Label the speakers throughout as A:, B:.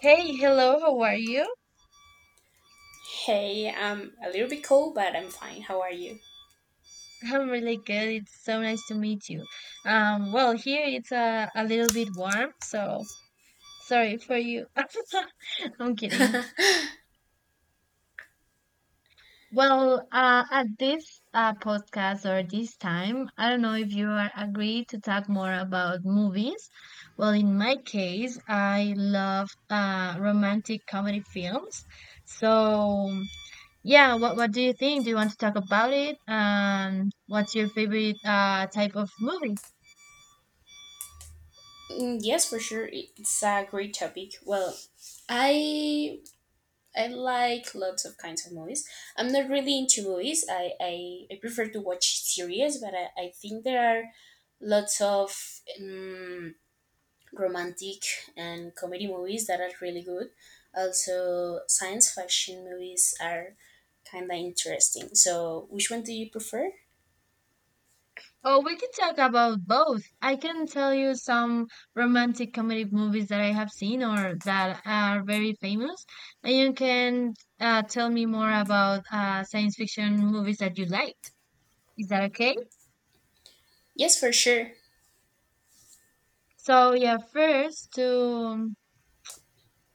A: Hey, hello, how are you?
B: Hey, I'm a little bit cold, but I'm fine. How are you?
A: I'm really good. It's so nice to meet you. Here it's a little bit warm, so sorry for you. I'm kidding. Well, at this podcast or this time, I don't know if you are agree to talk more about movies. Well, in my case, I love romantic comedy films. So. Yeah, what do you think? Do you want to talk about it? What's your favorite type of movies?
B: Mm, yes, for sure. It's a great topic. Well, I I like lots of kinds of movies. I'm not really into movies. I prefer to watch series, but I think there are lots of romantic and comedy movies that are really good. Also, science fiction movies are kind of interesting. So, which one do you prefer?
A: Oh, we can talk about both. I can tell you some romantic comedy movies that I have seen or that are very famous, and you can tell me more about science fiction movies that you liked. Is that okay?
B: Yes, for sure.
A: So yeah, first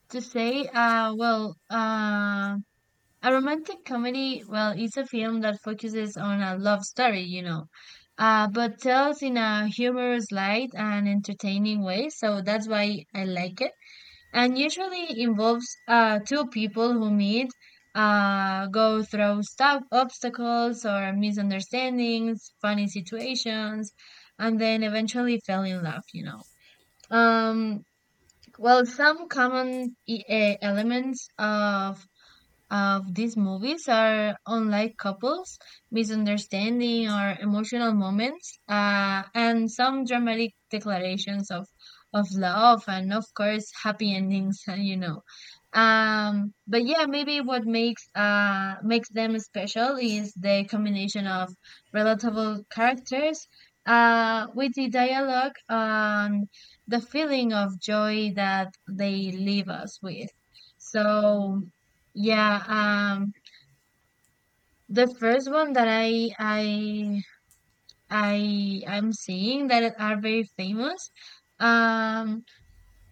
A: to say, well, A romantic comedy, well, it's a film that focuses on a love story, but tells in a humorous light and entertaining way. So that's why I like it. And usually involves two people who meet, go through stop obstacles or misunderstandings, funny situations, and then eventually fell in love. Um, some common elements of these movies are unlike couples, misunderstanding or emotional moments, and some dramatic declarations of love, and of course, happy endings. But yeah, maybe what makes makes them special is the combination of relatable characters, with the dialogue and the feeling of joy that they leave us with. So. Yeah, um, the first one that I'm seeing that are very famous, um,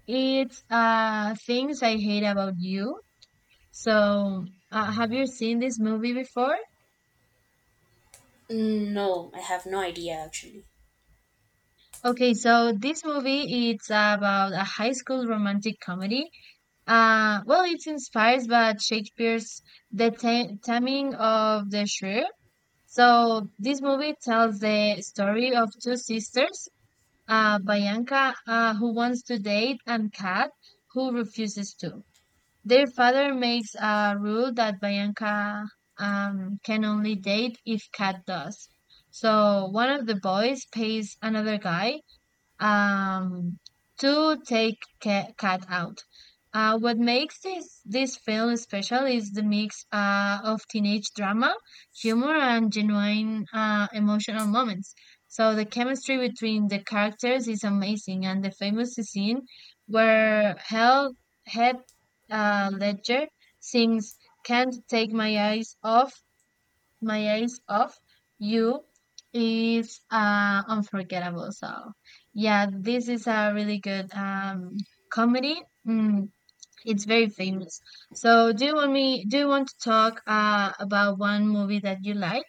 A: it's Things I Hate About You. So, have you seen this movie before?
B: Mm, no, I have no idea actually.
A: Okay, so this movie it's about a high school romantic comedy. Well, it's inspired by Shakespeare's The Taming of the Shrew. So, this movie tells the story of two sisters Bianca, who wants to date, and Kat, who refuses to. Their father makes a rule that Bianca can only date if Kat does. So one of the boys pays another guy um to take cat out what makes this film special is the mix of teenage drama, humor and genuine emotional moments. So the chemistry between the characters is amazing, and the famous scene where hell head ledger sings can't take my Eyes Off You is unforgettable. So, yeah, this is a really good comedy. Mm, it's very famous. So, do you want me? Do you want to talk about one movie that you like?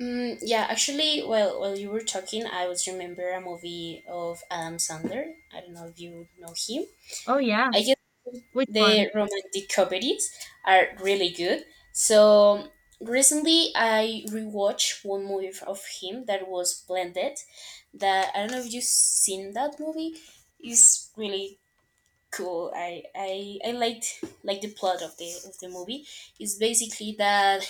B: Mm, yeah, actually, while you were talking, I was remember a movie of Adam Sandler. I don't know if you know him.
A: Oh yeah,
B: I guess
A: which one?
B: the romantic comedies are really good. So recently, I rewatched one movie of him that was Blended. That I don't know if you've seen that movie. It's really cool. I liked like the plot of the movie. It's basically that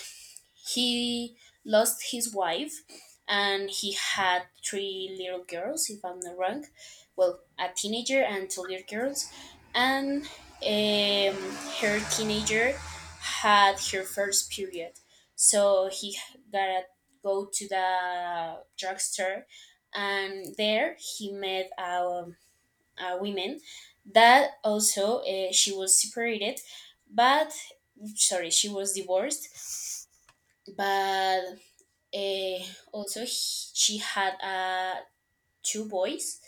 B: he lost his wife and he had three little girls, if I'm not wrong. Well, a teenager and two little girls. And her teenager had her first period. So he gotta go to the drugstore and there he met a woman that also she was separated, but sorry, she was divorced. But Eh, also, she had two boys,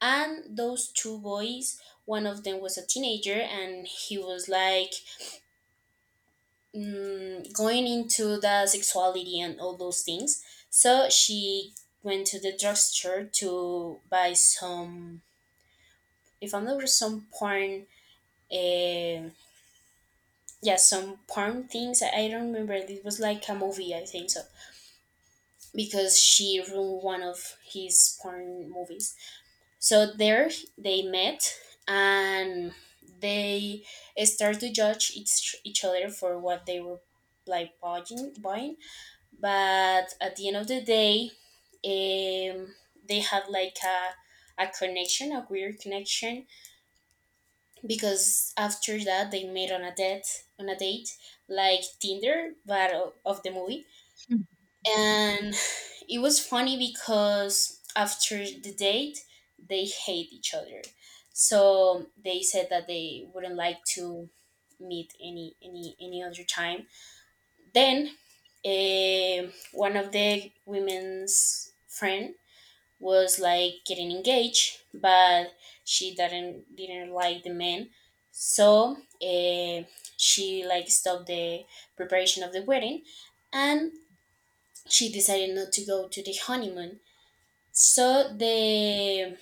B: and those two boys, one of them was a teenager, and he was like going into the sexuality and all those things. So she went to the drugstore to buy some, if I'm not wrong, some porn. uh, yeah, some porn things. I don't remember. It was like a movie, I think so, because she ruined one of his porn movies. So there they met and they start to judge each other for what they were like buying. But at the end of the day, um, they had like a connection, a weird connection, because after that they made on a date like Tinder, but of the movie. And it was funny because after the date they hate each other, so they said that they wouldn't like to meet any other time. Then one of the women's friend was like getting engaged, but she didn't like the man. So uh, she like stopped the preparation of the wedding, and she decided not to go to the honeymoon. So the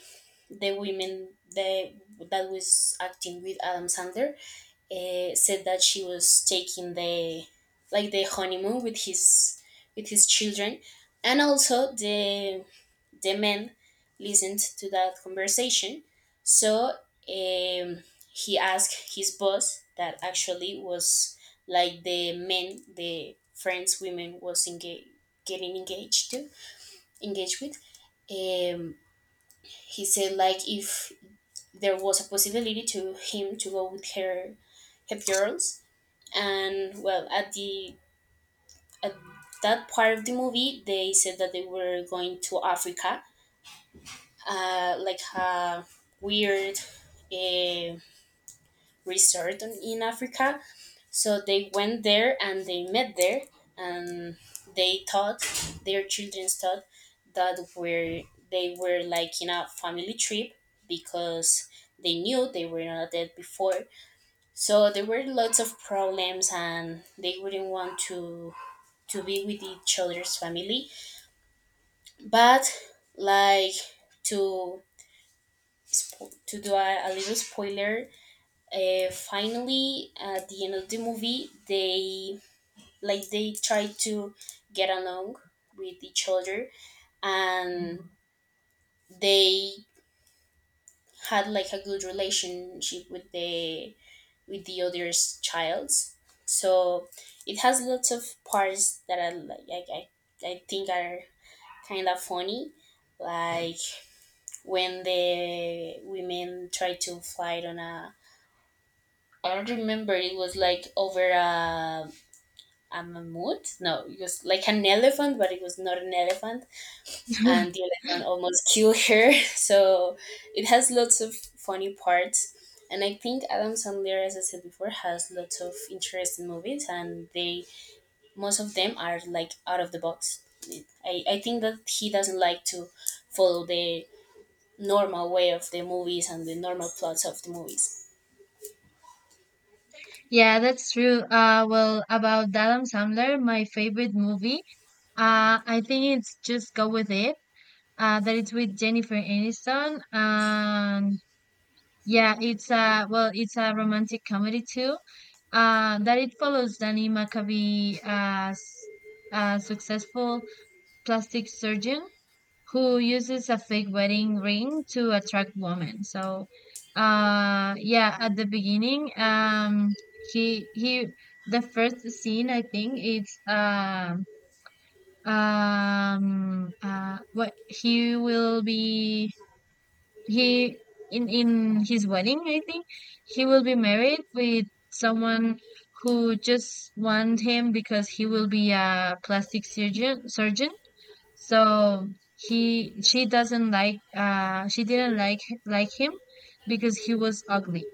B: the women that was acting with Adam Sandler said that she was taking the like the honeymoon with his children, and also the men listened to that conversation. So um, he asked his boss that actually was like the men, the friends women was engaged, getting engaged to, engaged with, um, he said like if there was a possibility to him to go with her girls. And well at the at that part of the movie they said that they were going to Africa, like a weird uh, resort in Africa. So they went there and they met there, and they thought, their children thought, that were they were like in a family trip, because they knew they were not dead before. So there were lots of problems, and they wouldn't want to be with each other's family. But like to do a little spoiler, finally at the end of the movie they, like they try to get along with each other, and they had like a good relationship with the other's childs. So it has lots of parts that are like, I think are kind of funny, like when the women try to fight on a, I don't remember. It was like over a mammoth. No, it was like an elephant, but it was not an elephant, and the elephant almost killed her. So it has lots of funny parts. And I think Adam Sandler, as I said before, has lots of interesting movies, and they most of them are like out of the box. I think that he doesn't like to follow the normal way of the movies and the normal plots of the movies.
A: Yeah, that's true. Well, about Adam Sandler, my favorite movie, I think it's Just Go With It. That it's with Jennifer Aniston, and yeah, it's a well, it's a romantic comedy too. That it follows Danny McAvee as a successful plastic surgeon who uses a fake wedding ring to attract women. So, yeah, at the beginning, he he, the first scene I think it's what he will be he in his wedding, I think. He will be married with someone who just want him because he will be a plastic surgeon. So he she doesn't like she didn't like him because he was ugly.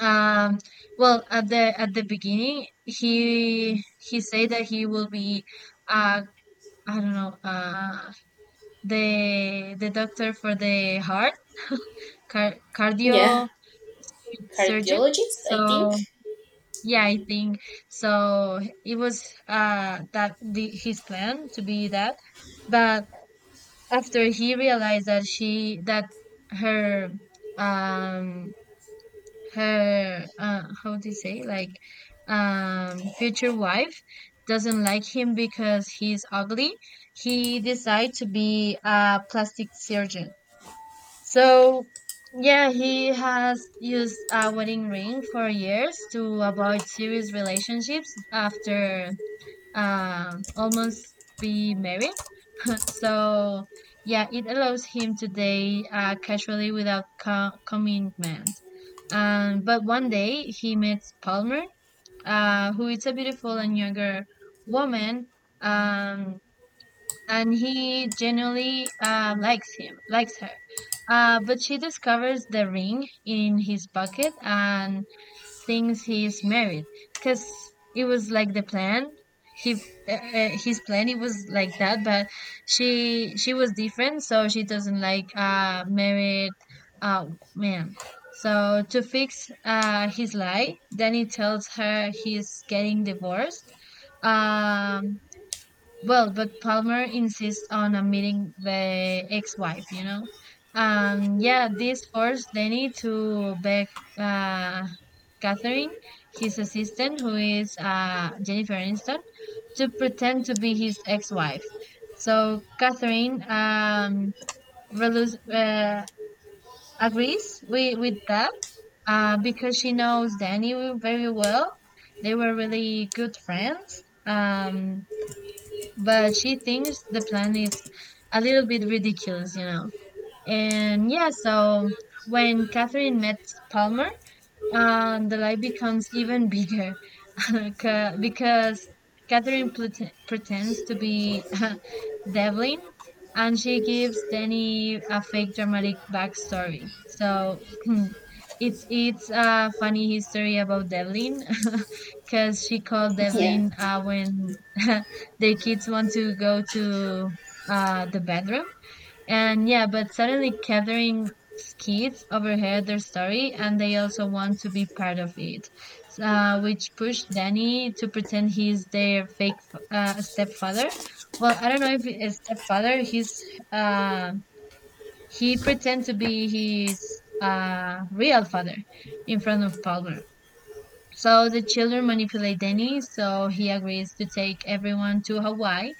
A: um well, at the beginning he said that he will be uh I don't know the doctor for the heart,
B: Yeah,
A: cardio surgeon.
B: cardiologist, I think.
A: So yeah, I think so. It was that the his plan to be that, but after he realized that she that her um how do you say like future wife doesn't like him because he's ugly, he decided to be a plastic surgeon. So, yeah, he has used a wedding ring for years to avoid serious relationships after almost be married. So, yeah, it allows him to date casually without commitment. But one day he meets Palmer, who is a beautiful and younger woman. Um, and he genuinely likes her. But she discovers the ring in his pocket and thinks he's married because it was like the plan. He his plan it was like that, but she was different, so she doesn't like married uh man. So to fix his lie, then he tells her he's getting divorced. Um well, but Palmer insists on a meeting the ex-wife, you know? And yeah, this forced Danny to beg uh, Catherine, his assistant, who is Jennifer Aniston, to pretend to be his ex-wife. So Catherine relus- uh, agrees with that because she knows Danny very well. They were really good friends. But she thinks the plan is a little bit ridiculous, you know. And yeah, so when Catherine met Palmer, and the lie becomes even bigger. Because Catherine pretends to be Devlin, and she gives Danny a fake dramatic backstory. So it's a funny history about Devlin. Because she called
B: Yeah,
A: Devlin when their kids want to go to the bedroom. And yeah, but suddenly gathering kids overheard their story and they also want to be part of it, which pushed Danny to pretend he's their fake stepfather. Well, I don't know if it's stepfather. Uh, he pretends to be his real father in front of Palmer. So the children manipulate Denny, so he agrees to take everyone to Hawaii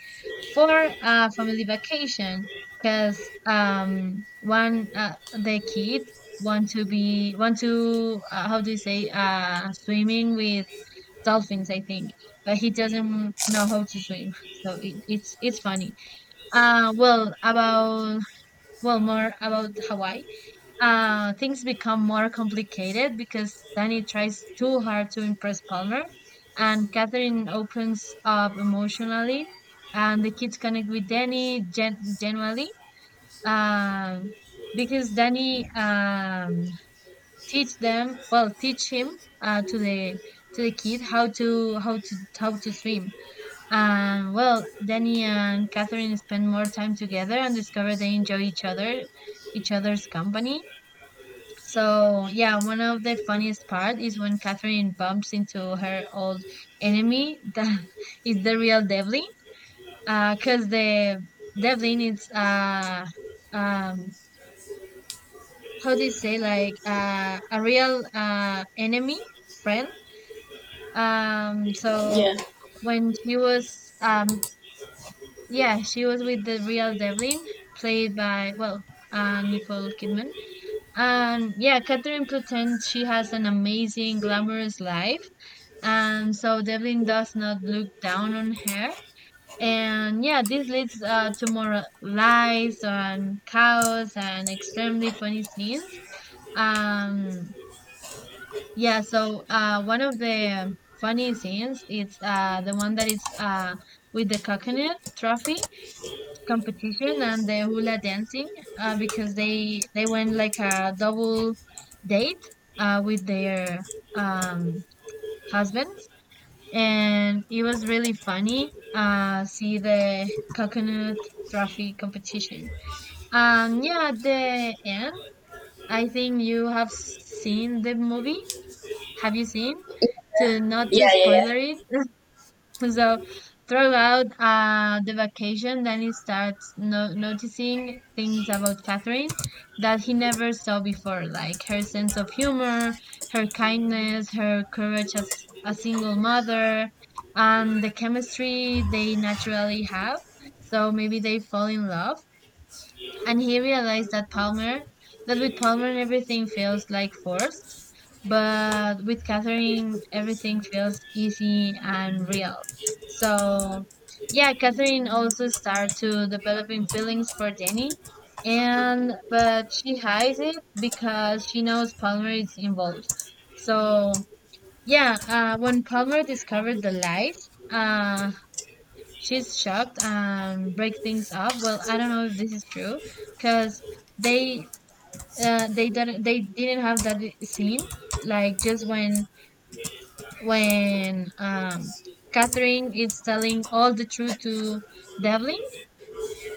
A: for a family vacation because one the kids want to how do you say swimming with dolphins, I think, but he doesn't know how to swim. So it's funny. Well about well more about Hawaii, things become more complicated because Danny tries too hard to impress Palmer, and Catherine opens up emotionally, and the kids connect with Danny genuinely, um, because Danny teach him to the kid how to swim. And well, Danny and Catherine spend more time together and discover they enjoy each other's company. So yeah, one of the funniest part is when Catherine bumps into her old enemy that is the real Devlin. Cause the Devlin is um how do you say like a real enemy friend. Um, so
B: yeah,
A: when she was yeah she was with the real Devlin, played by Nicole Kidman. And yeah, Catherine pretends she has an amazing, glamorous life, and so Devlin does not look down on her. And yeah, this leads to more lies and chaos and extremely funny scenes. Um, yeah, so one of the funny scenes is the one that is with the coconut trophy competition and the hula dancing, because they went like a double date with their um, husbands, and it was really funny. See the coconut trophy competition. Yeah, at the end, I think you have seen the movie. Have you seen? To not to
B: yeah, yeah, yeah.
A: spoiler it. So throughout the vacation, Danny starts noticing things about Catherine that he never saw before, like her sense of humor, her kindness, her courage as a single mother, and the chemistry they naturally have. So maybe they fall in love, and he realized that with Palmer everything feels like forced, but with Catherine everything feels easy and real. So, yeah, Catherine also started to developing feelings for Danny, and but she hides it because she knows Palmer is involved. So, yeah, when Palmer discovered the lies, she's shocked and breaks things off. Well, I don't know if this is true because they they didn't have that scene like just when when um Catherine is telling all the truth to Devlin,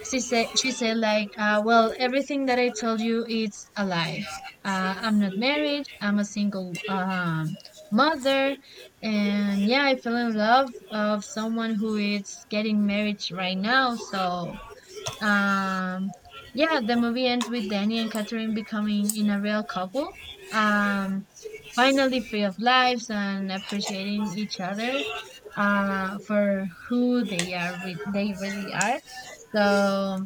A: she said like, well, everything that I told you is a lie. I'm not married. I'm a single mother, and yeah, I fell in love of someone who is getting married right now. So um, yeah, the movie ends with Danny and Catherine becoming in a real couple. Um, finally free of lives and appreciating each other for who they they really are. So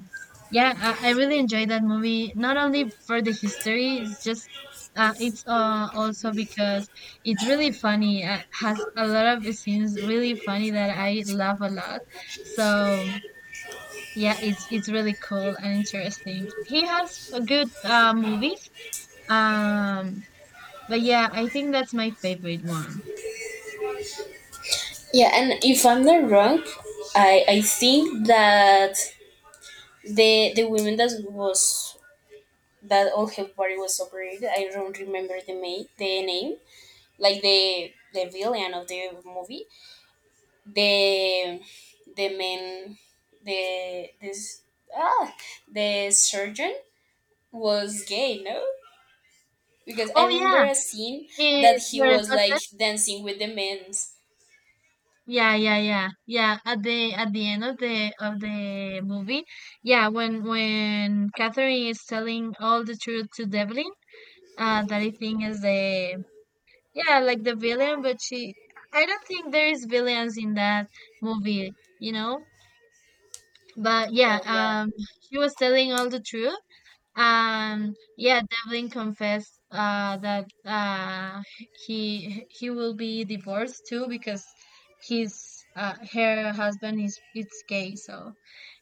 A: yeah, I really enjoyed that movie. Not only for the history, it's just it's also because it's really funny. It has a lot of scenes really funny that I love a lot. So yeah, it's really cool and interesting. He has a good movies. Um, but yeah, I think that's my favorite one.
B: Yeah, and if I'm not wrong, I think that the woman that all her body was operated, I don't remember the name, like the villain of the movie, the the man, the this ah the surgeon, was gay. No, because I
A: Oh
B: remember
A: yeah,
B: a scene
A: he
B: that he
A: her
B: was like
A: husband.
B: dancing with the men's.
A: Yeah. At the end of the movie, yeah, when Catherine is telling all the truth to Devlin, that I think is the, yeah, like the villain, but she, I don't think there is villains in that movie. You know? But yeah,
B: But yeah,
A: she was telling all the truth. And yeah, Devlin confessed, that he will be divorced too because his her husband is it's gay. So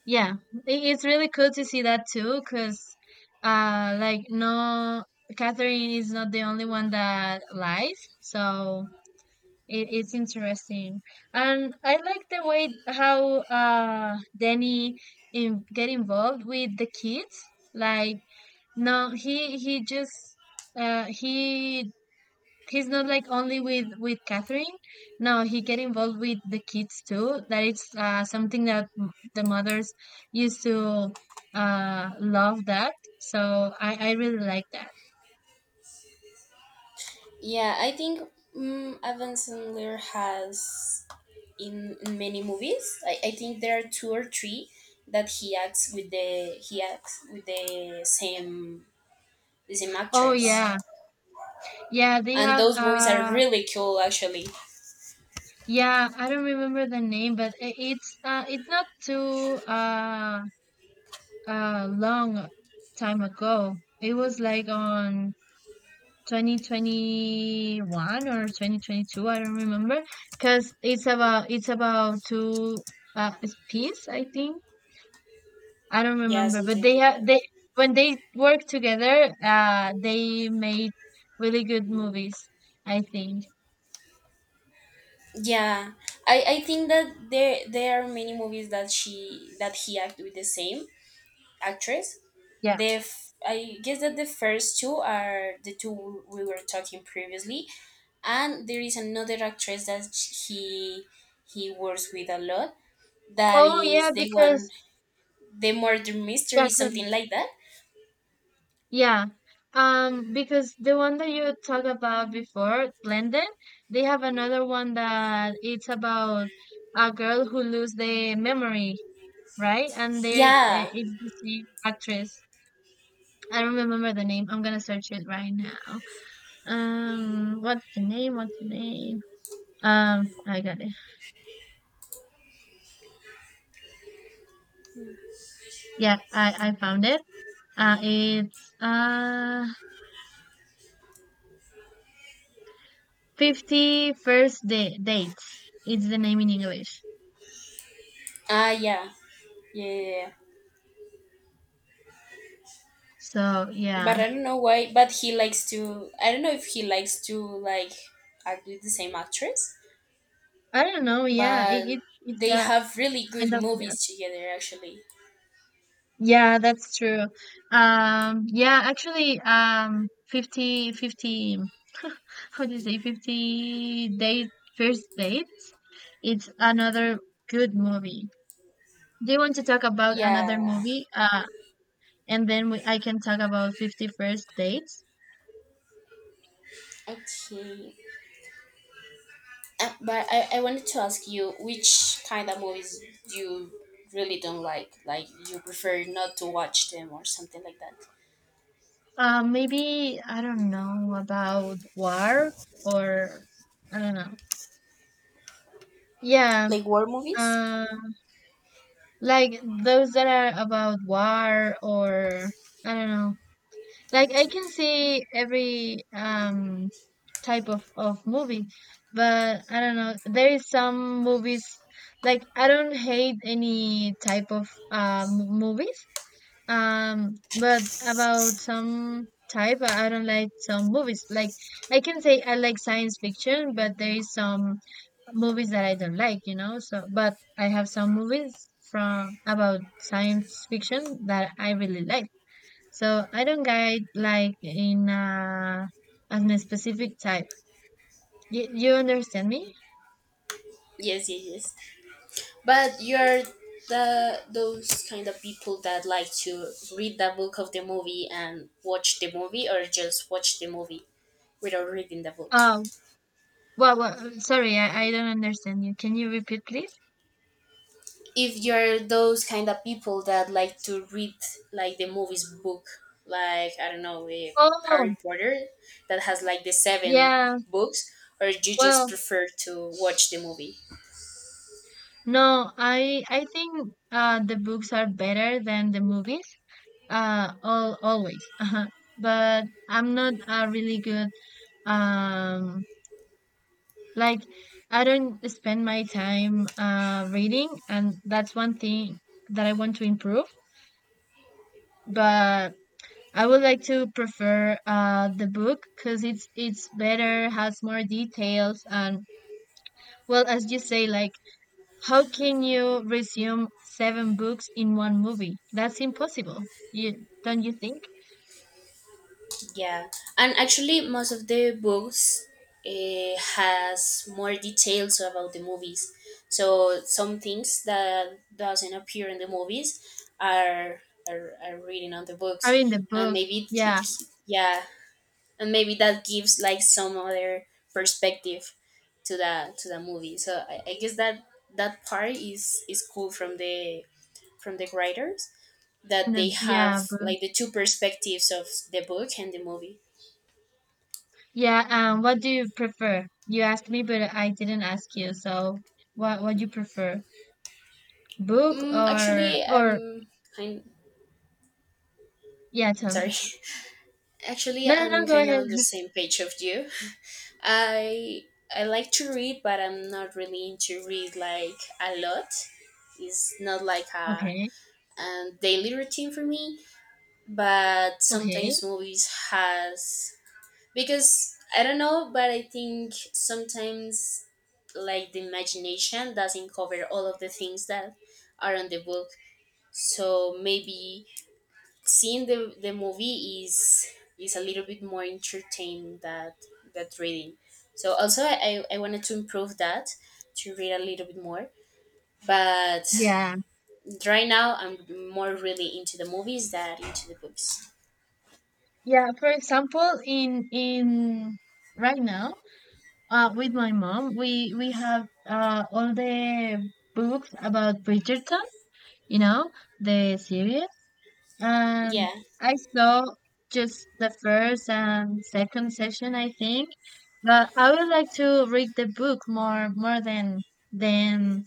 A: yeah, it's really cool to see that too because like, no, Catherine is not the only one that lies. So it's interesting, and I like the way how Danny get involved with the kids. Like, no, he just uh he he's not like only with Catherine. No, he get involved with the kids too. That it's something that the mothers used to love that. So I really like that.
B: yeah, I think Evan Sandler has in many movies. I think there are two or three that he acts with the same
A: Oh
B: actress,
A: yeah, yeah. They
B: and
A: have,
B: those movies are really cool actually.
A: yeah, I don't remember the name, but it's not too long time ago. It was like on 2021 or 2022, I don't remember, because it's about two uh piece, I think. I don't
B: Yeah,
A: remember, but
B: something like that.
A: they, when they work together, they made really good movies, I think.
B: Yeah, I think that there are many movies that she that he act with the same actress.
A: Yeah.
B: I guess that the first two are the two we were talking previously, and there is another actress that he works with a lot, that
A: Oh yeah,
B: is the one,
A: because
B: the murder
A: yeah,
B: mystery, something like that.
A: yeah, because the one that you talked about before, Blended, they have another one that it's about a girl who lose the memory, right? And there,
B: Yeah.
A: it's the same actress. I don't remember the name. I'm gonna search it right now. What's the name? What's the name? I got it. Yeah, I found it. It's 50 First Day Dates. It's the name in English.
B: ah Yeah, yeah, yeah. yeah.
A: So yeah.
B: But I don't know why, but he likes to, I don't know if he likes to, like act with the same actress,
A: I don't know. Yeah, it,
B: but
A: it's it's
B: they
A: a
B: have really
A: kind
B: good
A: of, yeah.
B: movies together actually.
A: Yeah, that's true. Yeah, actually, 50, fifty, how do you say, 50 date, first dates. It's another good movie. Do you want to talk about another
B: Yeah.
A: movie? And then I can talk about 50 First dates.
B: Okay. But I wanted to ask you which kind of movies you really don't like you prefer not to watch them or something like that.
A: Maybe I don't know about war or, I don't know. Yeah,
B: Like war movies.
A: um, like those that are about war or, I don't know. Like, I can see every type of movie, but I don't know. There is some movies, like, I don't hate any type of movies. But about some type, I don't like some movies. Like, I can say I like science fiction, but there is some movies that I don't like. So, but I have some movies from about science fiction that I really like. So I don't guide like in as a specific type. You understand me?
B: Yes, yes, yes. But you're the those kind of people that like to read the book of the movie and watch the movie, or just watch the movie without reading the book.
A: Oh, well, sorry, I don't understand you. Can you repeat, please?
B: If you're those kind of people that like to read like the movie's book, like I don't know,
A: Oh,
B: Harry Potter that has like the seven
A: yeah.
B: books, or you just
A: Well,
B: prefer to watch the movie?
A: no, I think, the books are better than the movies. All Always. But I'm not a really good. Um, like, I don't spend my time reading, and that's one thing that I want to improve. But I would like to prefer the book because it's better, has more details, and well, as you say, like. How can you resume seven books in one movie? That's impossible. You don't You think?
B: Yeah, and actually, most of the books has more details about the movies. So some things that doesn't appear in the movies are reading on the
A: I mean
B: books,
A: the
B: and
A: book,
B: maybe it,
A: yeah,
B: it yeah, and maybe that gives like some other perspective to the movie. So I guess that that part is cool from the writers,
A: from
B: that they
A: the,
B: have
A: yeah, book,
B: like the two perspectives of the book and the movie.
A: yeah. What do you prefer? You asked me, but I didn't ask you. So, what do you prefer, book
B: Mm,
A: or
B: actually, I'm kind.
A: yeah? Tell
B: Sorry.
A: me.
B: Actually,
A: No, no, no.
B: I'm
A: Go
B: kind of
A: ahead.
B: on the same page of you. I I like to read, but I'm not really into read like a lot. It's not like a,
A: Okay.
B: a daily routine for me. But
A: Okay.
B: sometimes movies has, because I don't know, but I think sometimes like the imagination doesn't cover all of the things that are on the book. So maybe seeing the movie is a little bit more entertaining that that reading. So also I wanted to improve that, to read a little bit more, but
A: Yeah.
B: right now I'm more really into the movies than into the books.
A: Yeah. For example, in right now. With my mom, we have, all the books about Bridgerton, you know, the series. And
B: Yeah,
A: I saw just the first and second session, I think. But I would like to read the book more than than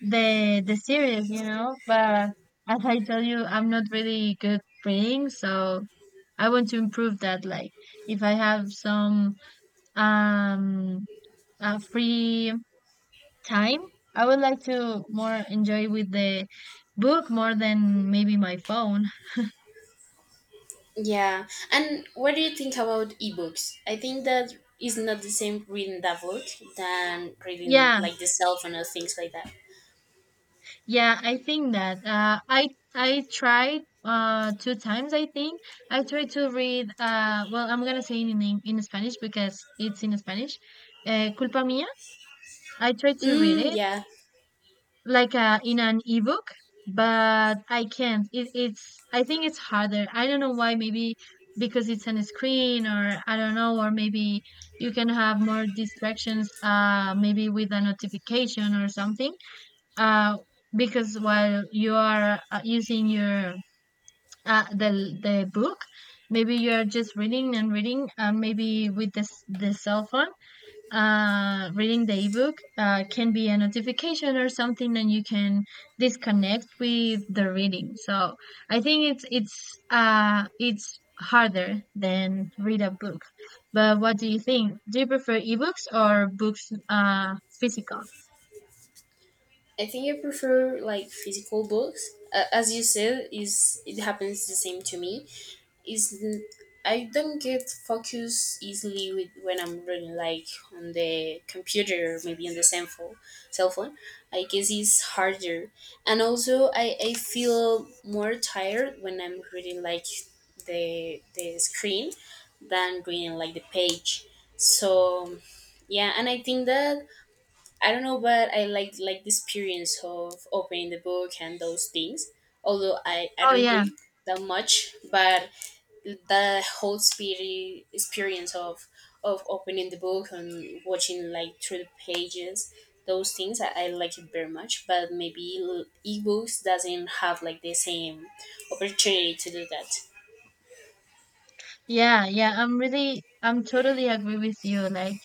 A: the series, you know. But as I tell you, I'm not really good reading, so I want to improve that. Like, if I have some um free time. I would like to more enjoy with the book more than maybe my phone.
B: yeah, and what do you think about ebooks? I think that is not the same reading that book than reading
A: Yeah,
B: like the cell phone or things like that.
A: yeah, I think that. I tried, two times. I think I tried to read. Well, I'm gonna say it in Spanish because it's in Spanish. Culpa mía. I tried to read
B: Mm,
A: it
B: yeah,
A: like, in an ebook, but I can't. It, it's I think it's harder. I don't know why. Maybe because it's on a screen, or I don't know. Or maybe you can have more distractions, maybe with a notification or something. uh because while you are, using your the book, maybe you are just reading and reading. And maybe with this, the cell phone, reading the ebook, can be a notification or something, and you can disconnect with the reading. So I think it's harder than read a book. But what do you think? Do you prefer ebooks or books, physical?
B: I think I prefer like physical books. As you said, is it happens the same to me. Is I don't get focus easily with when I'm reading like on the computer, or maybe on the cell phone. Cell phone, I guess it's harder, and also I feel more tired when I'm reading like the screen than reading like the page. So yeah, and I think that I don't know, but I like the experience of opening the book and those things. Although I
A: Oh
B: don't
A: yeah,
B: read that much, but the whole spirit experience of opening the book and watching like through the pages, those things I like it very much, but maybe ebooks doesn't have like the same opportunity to do that.
A: yeah, yeah, I'm totally agree with you. Like,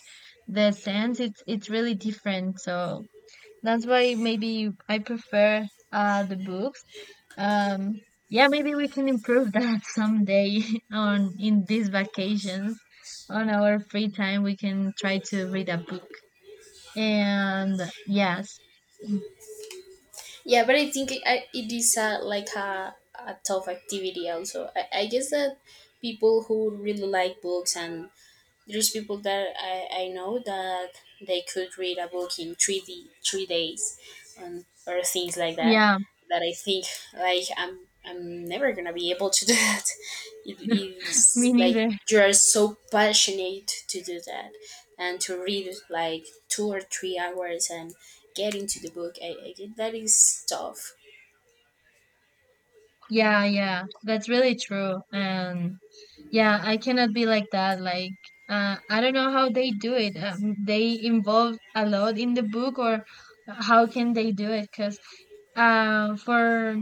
A: the sense, it's really different, so that's why maybe I prefer the books. Um yeah, maybe we can improve that someday on in these vacations. On our free time we can try to read a book. And yes.
B: Yeah, but I think it is like a tough activity also. I guess that people who really like books, and there's people that I know that they could read a book in 3 days, and or things like that.
A: Yeah,
B: That I think like I'm never gonna be able to do that. It
A: me
B: is like
A: neither.
B: you are so passionate to do that, and to read like 2 or 3 hours and get into the book. I get that is tough.
A: Yeah, yeah, that's really true. And yeah, I cannot be like that. Like, I don't know how they do it. They involve a lot in the book, or how can they do it? Because, for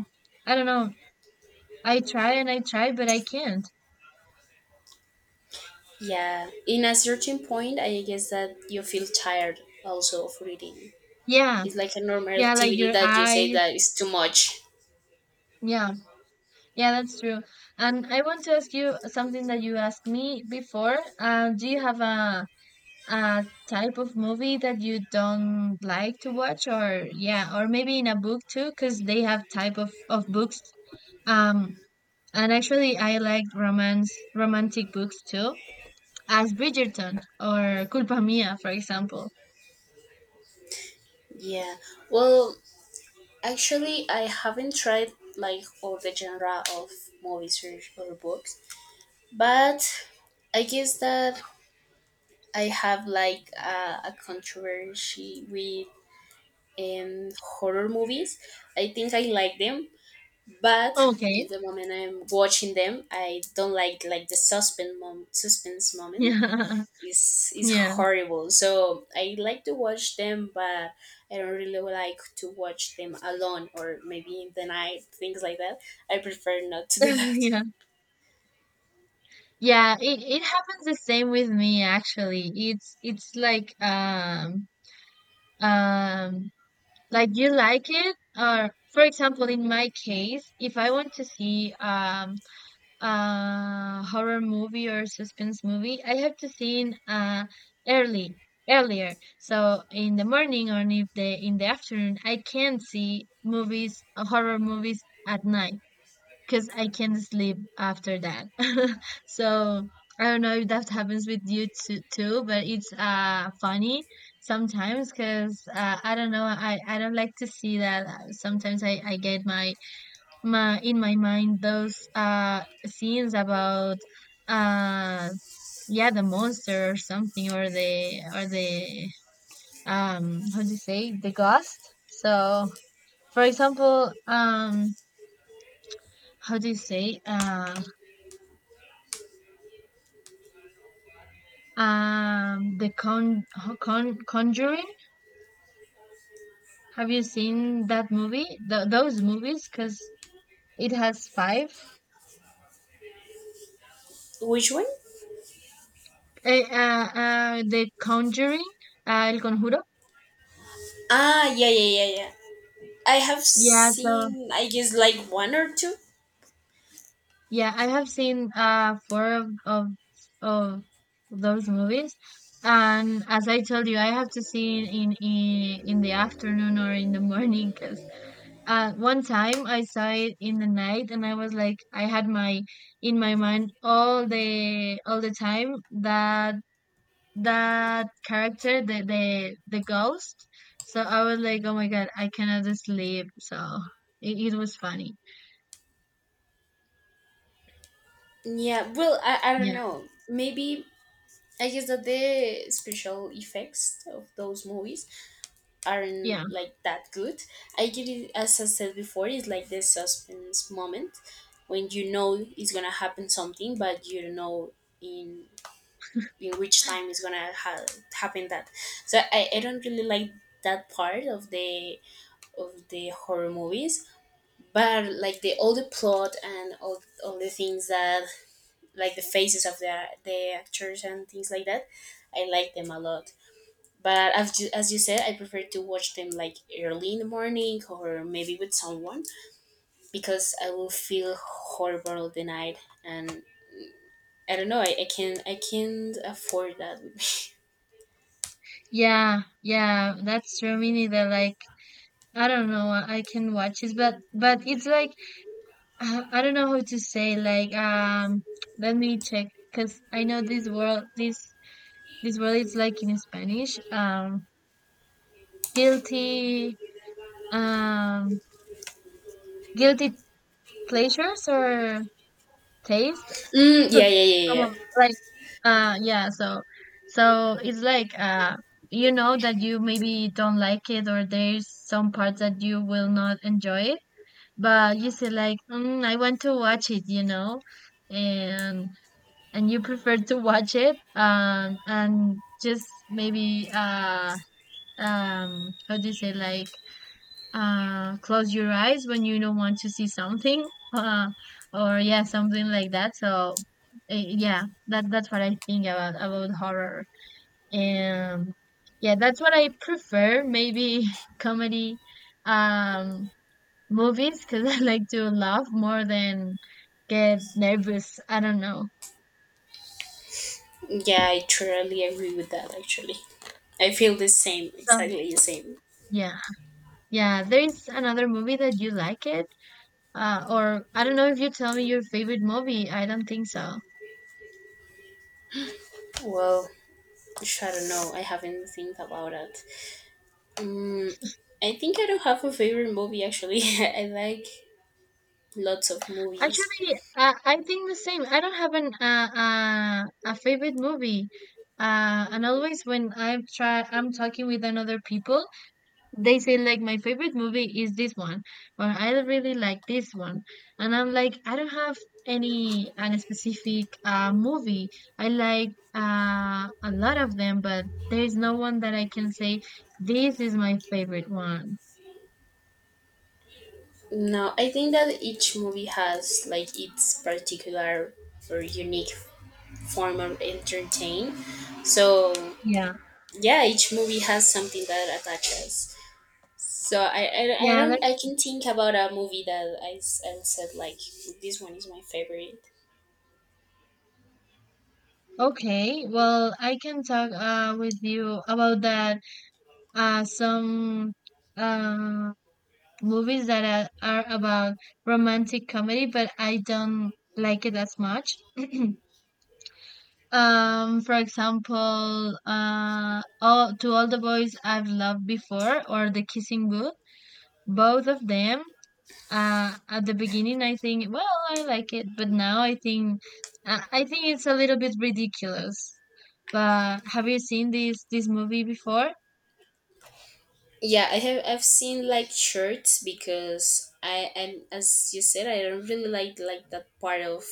A: I don't know, I try and I try, but I can't.
B: Yeah, in a certain point, I guess that you feel tired also of reading.
A: Yeah,
B: It's like a normal
A: yeah, like
B: activity
A: your
B: that you say
A: eyes.
B: that is too much.
A: Yeah, yeah, that's true. And I want to ask you something that you asked me before. Do you have a type of movie that you don't like to watch, or, yeah, or maybe in a book too, because they have type of books. um and actually, I like romance romantic books too, as Bridgerton or Culpa mia for example.
B: Yeah. Well, actually, I haven't tried like all the genre of movies, or books, but I guess that I have like a controversy with horror movies. I think I like them, but
A: Okay.
B: in the moment I'm watching them, I don't like the suspense moment
A: Yeah.
B: is is
A: Yeah.
B: horrible. So I like to watch them, but I don't really like to watch them alone or maybe in the night, things like that. I prefer not to do that.
A: Yeah, yeah, it happens the same with me. Actually, it's like, um like, do you like it? Or, for example, in my case, if I want to see a horror movie or suspense movie, I have to see in early earlier. So in the morning or in the afternoon, I can see movies, horror movies at night, because I can't sleep after that. So I don't know if that happens with you too, but it's funny sometimes, because, I don't know, I don't like to see that. Sometimes I get my my in my mind those scenes about, uh yeah, the monster or something, or the, how do you say, the ghost. So for example, how do you say, the Conjuring. Have you seen that movie? Th Those movies, because it has five.
B: Which one?
A: The Conjuring, El Conjuro.
B: Ah, yeah, yeah, yeah, yeah. I have
A: Yeah, so
B: seen, I guess, like one or two.
A: yeah, I have seen four of those movies, and as I told you, I have to see in the afternoon or in the morning, because, one time I saw it in the night, and I was like, I had my in my mind all the time that character, the ghost. So I was like, oh my god, I cannot sleep. So it was funny.
B: Yeah, well, I don't
A: Yeah.
B: know. Maybe I guess that the special effects of those movies aren't
A: Yeah.
B: like that good. I get it, as I said before, it's like the suspense moment when you know it's gonna happen something, but you don't know in in which time it's gonna happen that. So I don't really like that part of the horror movies, but like the all the plot and all the things that like the faces of the actors and things like that. I like them a lot, but as you said, I prefer to watch them like early in the morning or maybe with someone, because I will feel horrible the night. And I don't know, I can't afford that.
A: Yeah. Yeah. That's true. Me neither. Like, I don't know. I can watch it, but it's like, I don't know how to say. Like, let me check, because I know this world this this word is like in Spanish, guilty, um, guilty pleasures or taste.
B: Yeah, yeah, yeah,
A: Come on,
B: yeah.
A: like, yeah. So, it's like, you know that you maybe don't like it, or there's some parts that you will not enjoy it, but you say like, I want to watch it, you know, and and you prefer to watch it, and just maybe, how do you say, like, close your eyes when you don't want to see something, or yeah, something like that, so, yeah, that's what I think about horror. And yeah, that's what I prefer, maybe, comedy um movies, because I like to laugh more than get nervous, I don't know.
B: Yeah, I totally agree with that. Actually, I feel the same,
A: So
B: exactly the same.
A: yeah, yeah, there is another movie that you like it, or, I don't know, if you tell me your favorite movie, I don't think so.
B: Well, I don't know, I haven't think about it. Mm, I think I don't have a favorite movie actually. I like lots of movies.
A: Actually, I think the same. I don't have an, a favorite movie. And always when I'm talking with another people, they say like, my favorite movie is this one, or I really like this one, and I'm like, I don't have any an specific movie. I like a lot of them, but there is no one that I can say, this is my favorite one.
B: No, I think that each movie has like its particular or unique form of entertain. So
A: Yeah,
B: yeah, each movie has something that attaches. So I
A: yeah,
B: don't, I
A: that's—
B: can think about a movie that I said like this one is my favorite.
A: Okay, well, I can talk, with you about that. Some uh, movies that are about romantic comedy, but I don't like it as much. For example, To All the Boys I've Loved Before, or The Kissing Booth. Both of them. At the beginning, I think, well, I like it, but now I think it's a little bit ridiculous. But have you seen this movie before?
B: Yeah, I've seen like shirts, because I and as you said, I don't really like that part of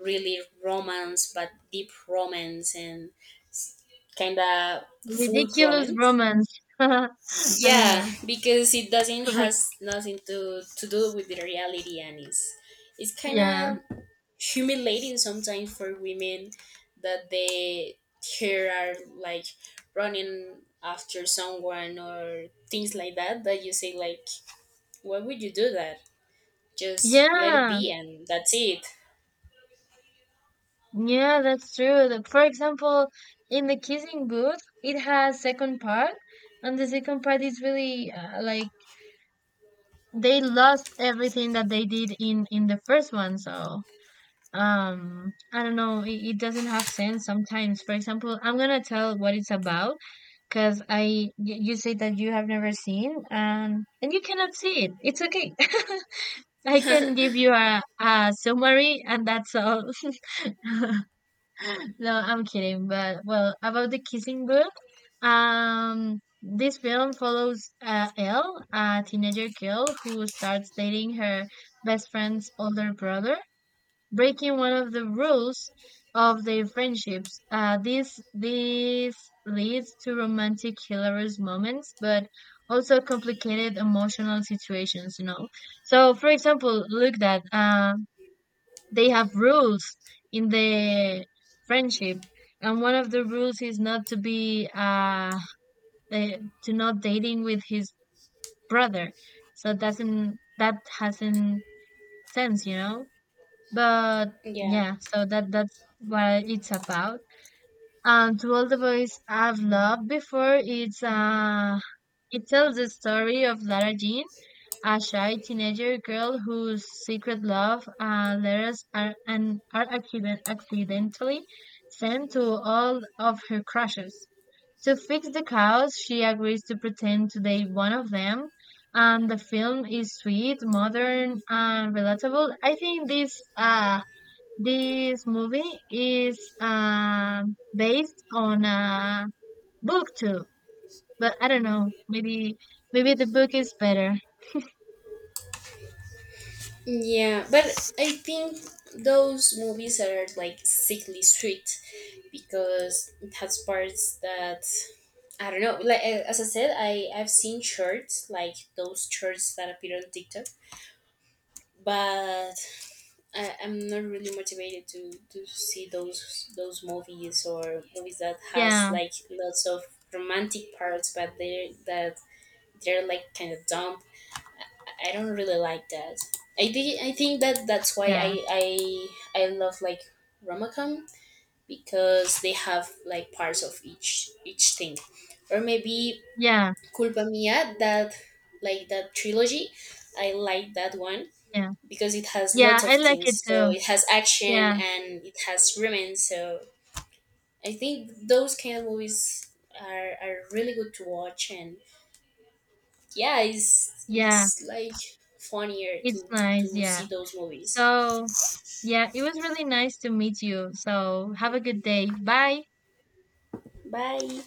B: really romance, but deep romance and kind of full
A: Ridiculous
B: romance.
A: Romance. I don't
B: Yeah,
A: know.
B: because it doesn't has nothing to to do with the reality, and it's kind
A: Yeah.
B: of humiliating sometimes for women, that they here are like running after someone or things like that. That you say like, why would you do that? Just let it
A: Yeah.
B: be, and that's it.
A: Yeah, that's true. For example, in The Kissing Booth, it has second part, and the second part is really, like, they lost everything that they did in the first one. So, I don't know, it doesn't have sense sometimes. For example, I'm gonna tell what it's about, because you say that you have never seen, and you cannot see it, it's okay. I can give you a summary, and that's all. No, I'm kidding. But well, about The Kissing Book. This film follows, Elle, a teenager girl who starts dating her best friend's older brother, breaking one of the rules of their friendships. This leads to romantic, hilarious moments, but also complicated emotional situations. You know, so for example, look that, they have rules in the friendship, and one of the rules is not to be, eh, to not dating with his brother. So doesn't that hasn't sense, you know? But
B: Yeah.
A: yeah, so that's what it's about. And To All The Boys I've Loved Before, it tells the story of Lara Jean, a shy teenager girl whose secret love, letters are accidentally sent to all of her crushes. To fix the chaos, she agrees to pretend to date one of them, and the film is sweet, modern, and relatable. I think this movie is based on a book too, but I don't know. Maybe the book is better.
B: Yeah, but I think those movies are like sickly sweet, because it has parts that I don't know. Like, as I said, I I've seen shorts, like those shorts that appear on TikTok, but I'm not really motivated to see those movies, or movies that has
A: Yeah,
B: like lots of romantic parts, but they that they're like kind of dumb. I don't really like that. I think that that's why
A: yeah,
B: I love like romacom, because they have like parts of each thing, or maybe
A: yeah,
B: Culpa Mia, that like that trilogy. I like that one
A: yeah,
B: because it has lots
A: yeah.
B: of
A: I like it
B: things. So
A: too.
B: it has action
A: Yeah,
B: and it has romance. So I think those kind of movies are really good to watch. And yeah,
A: yeah.
B: it's like funnier
A: It's nice.
B: to
A: Yeah.
B: see those movies.
A: So, yeah, it was really nice to meet you. So have a good day. Bye.
B: Bye.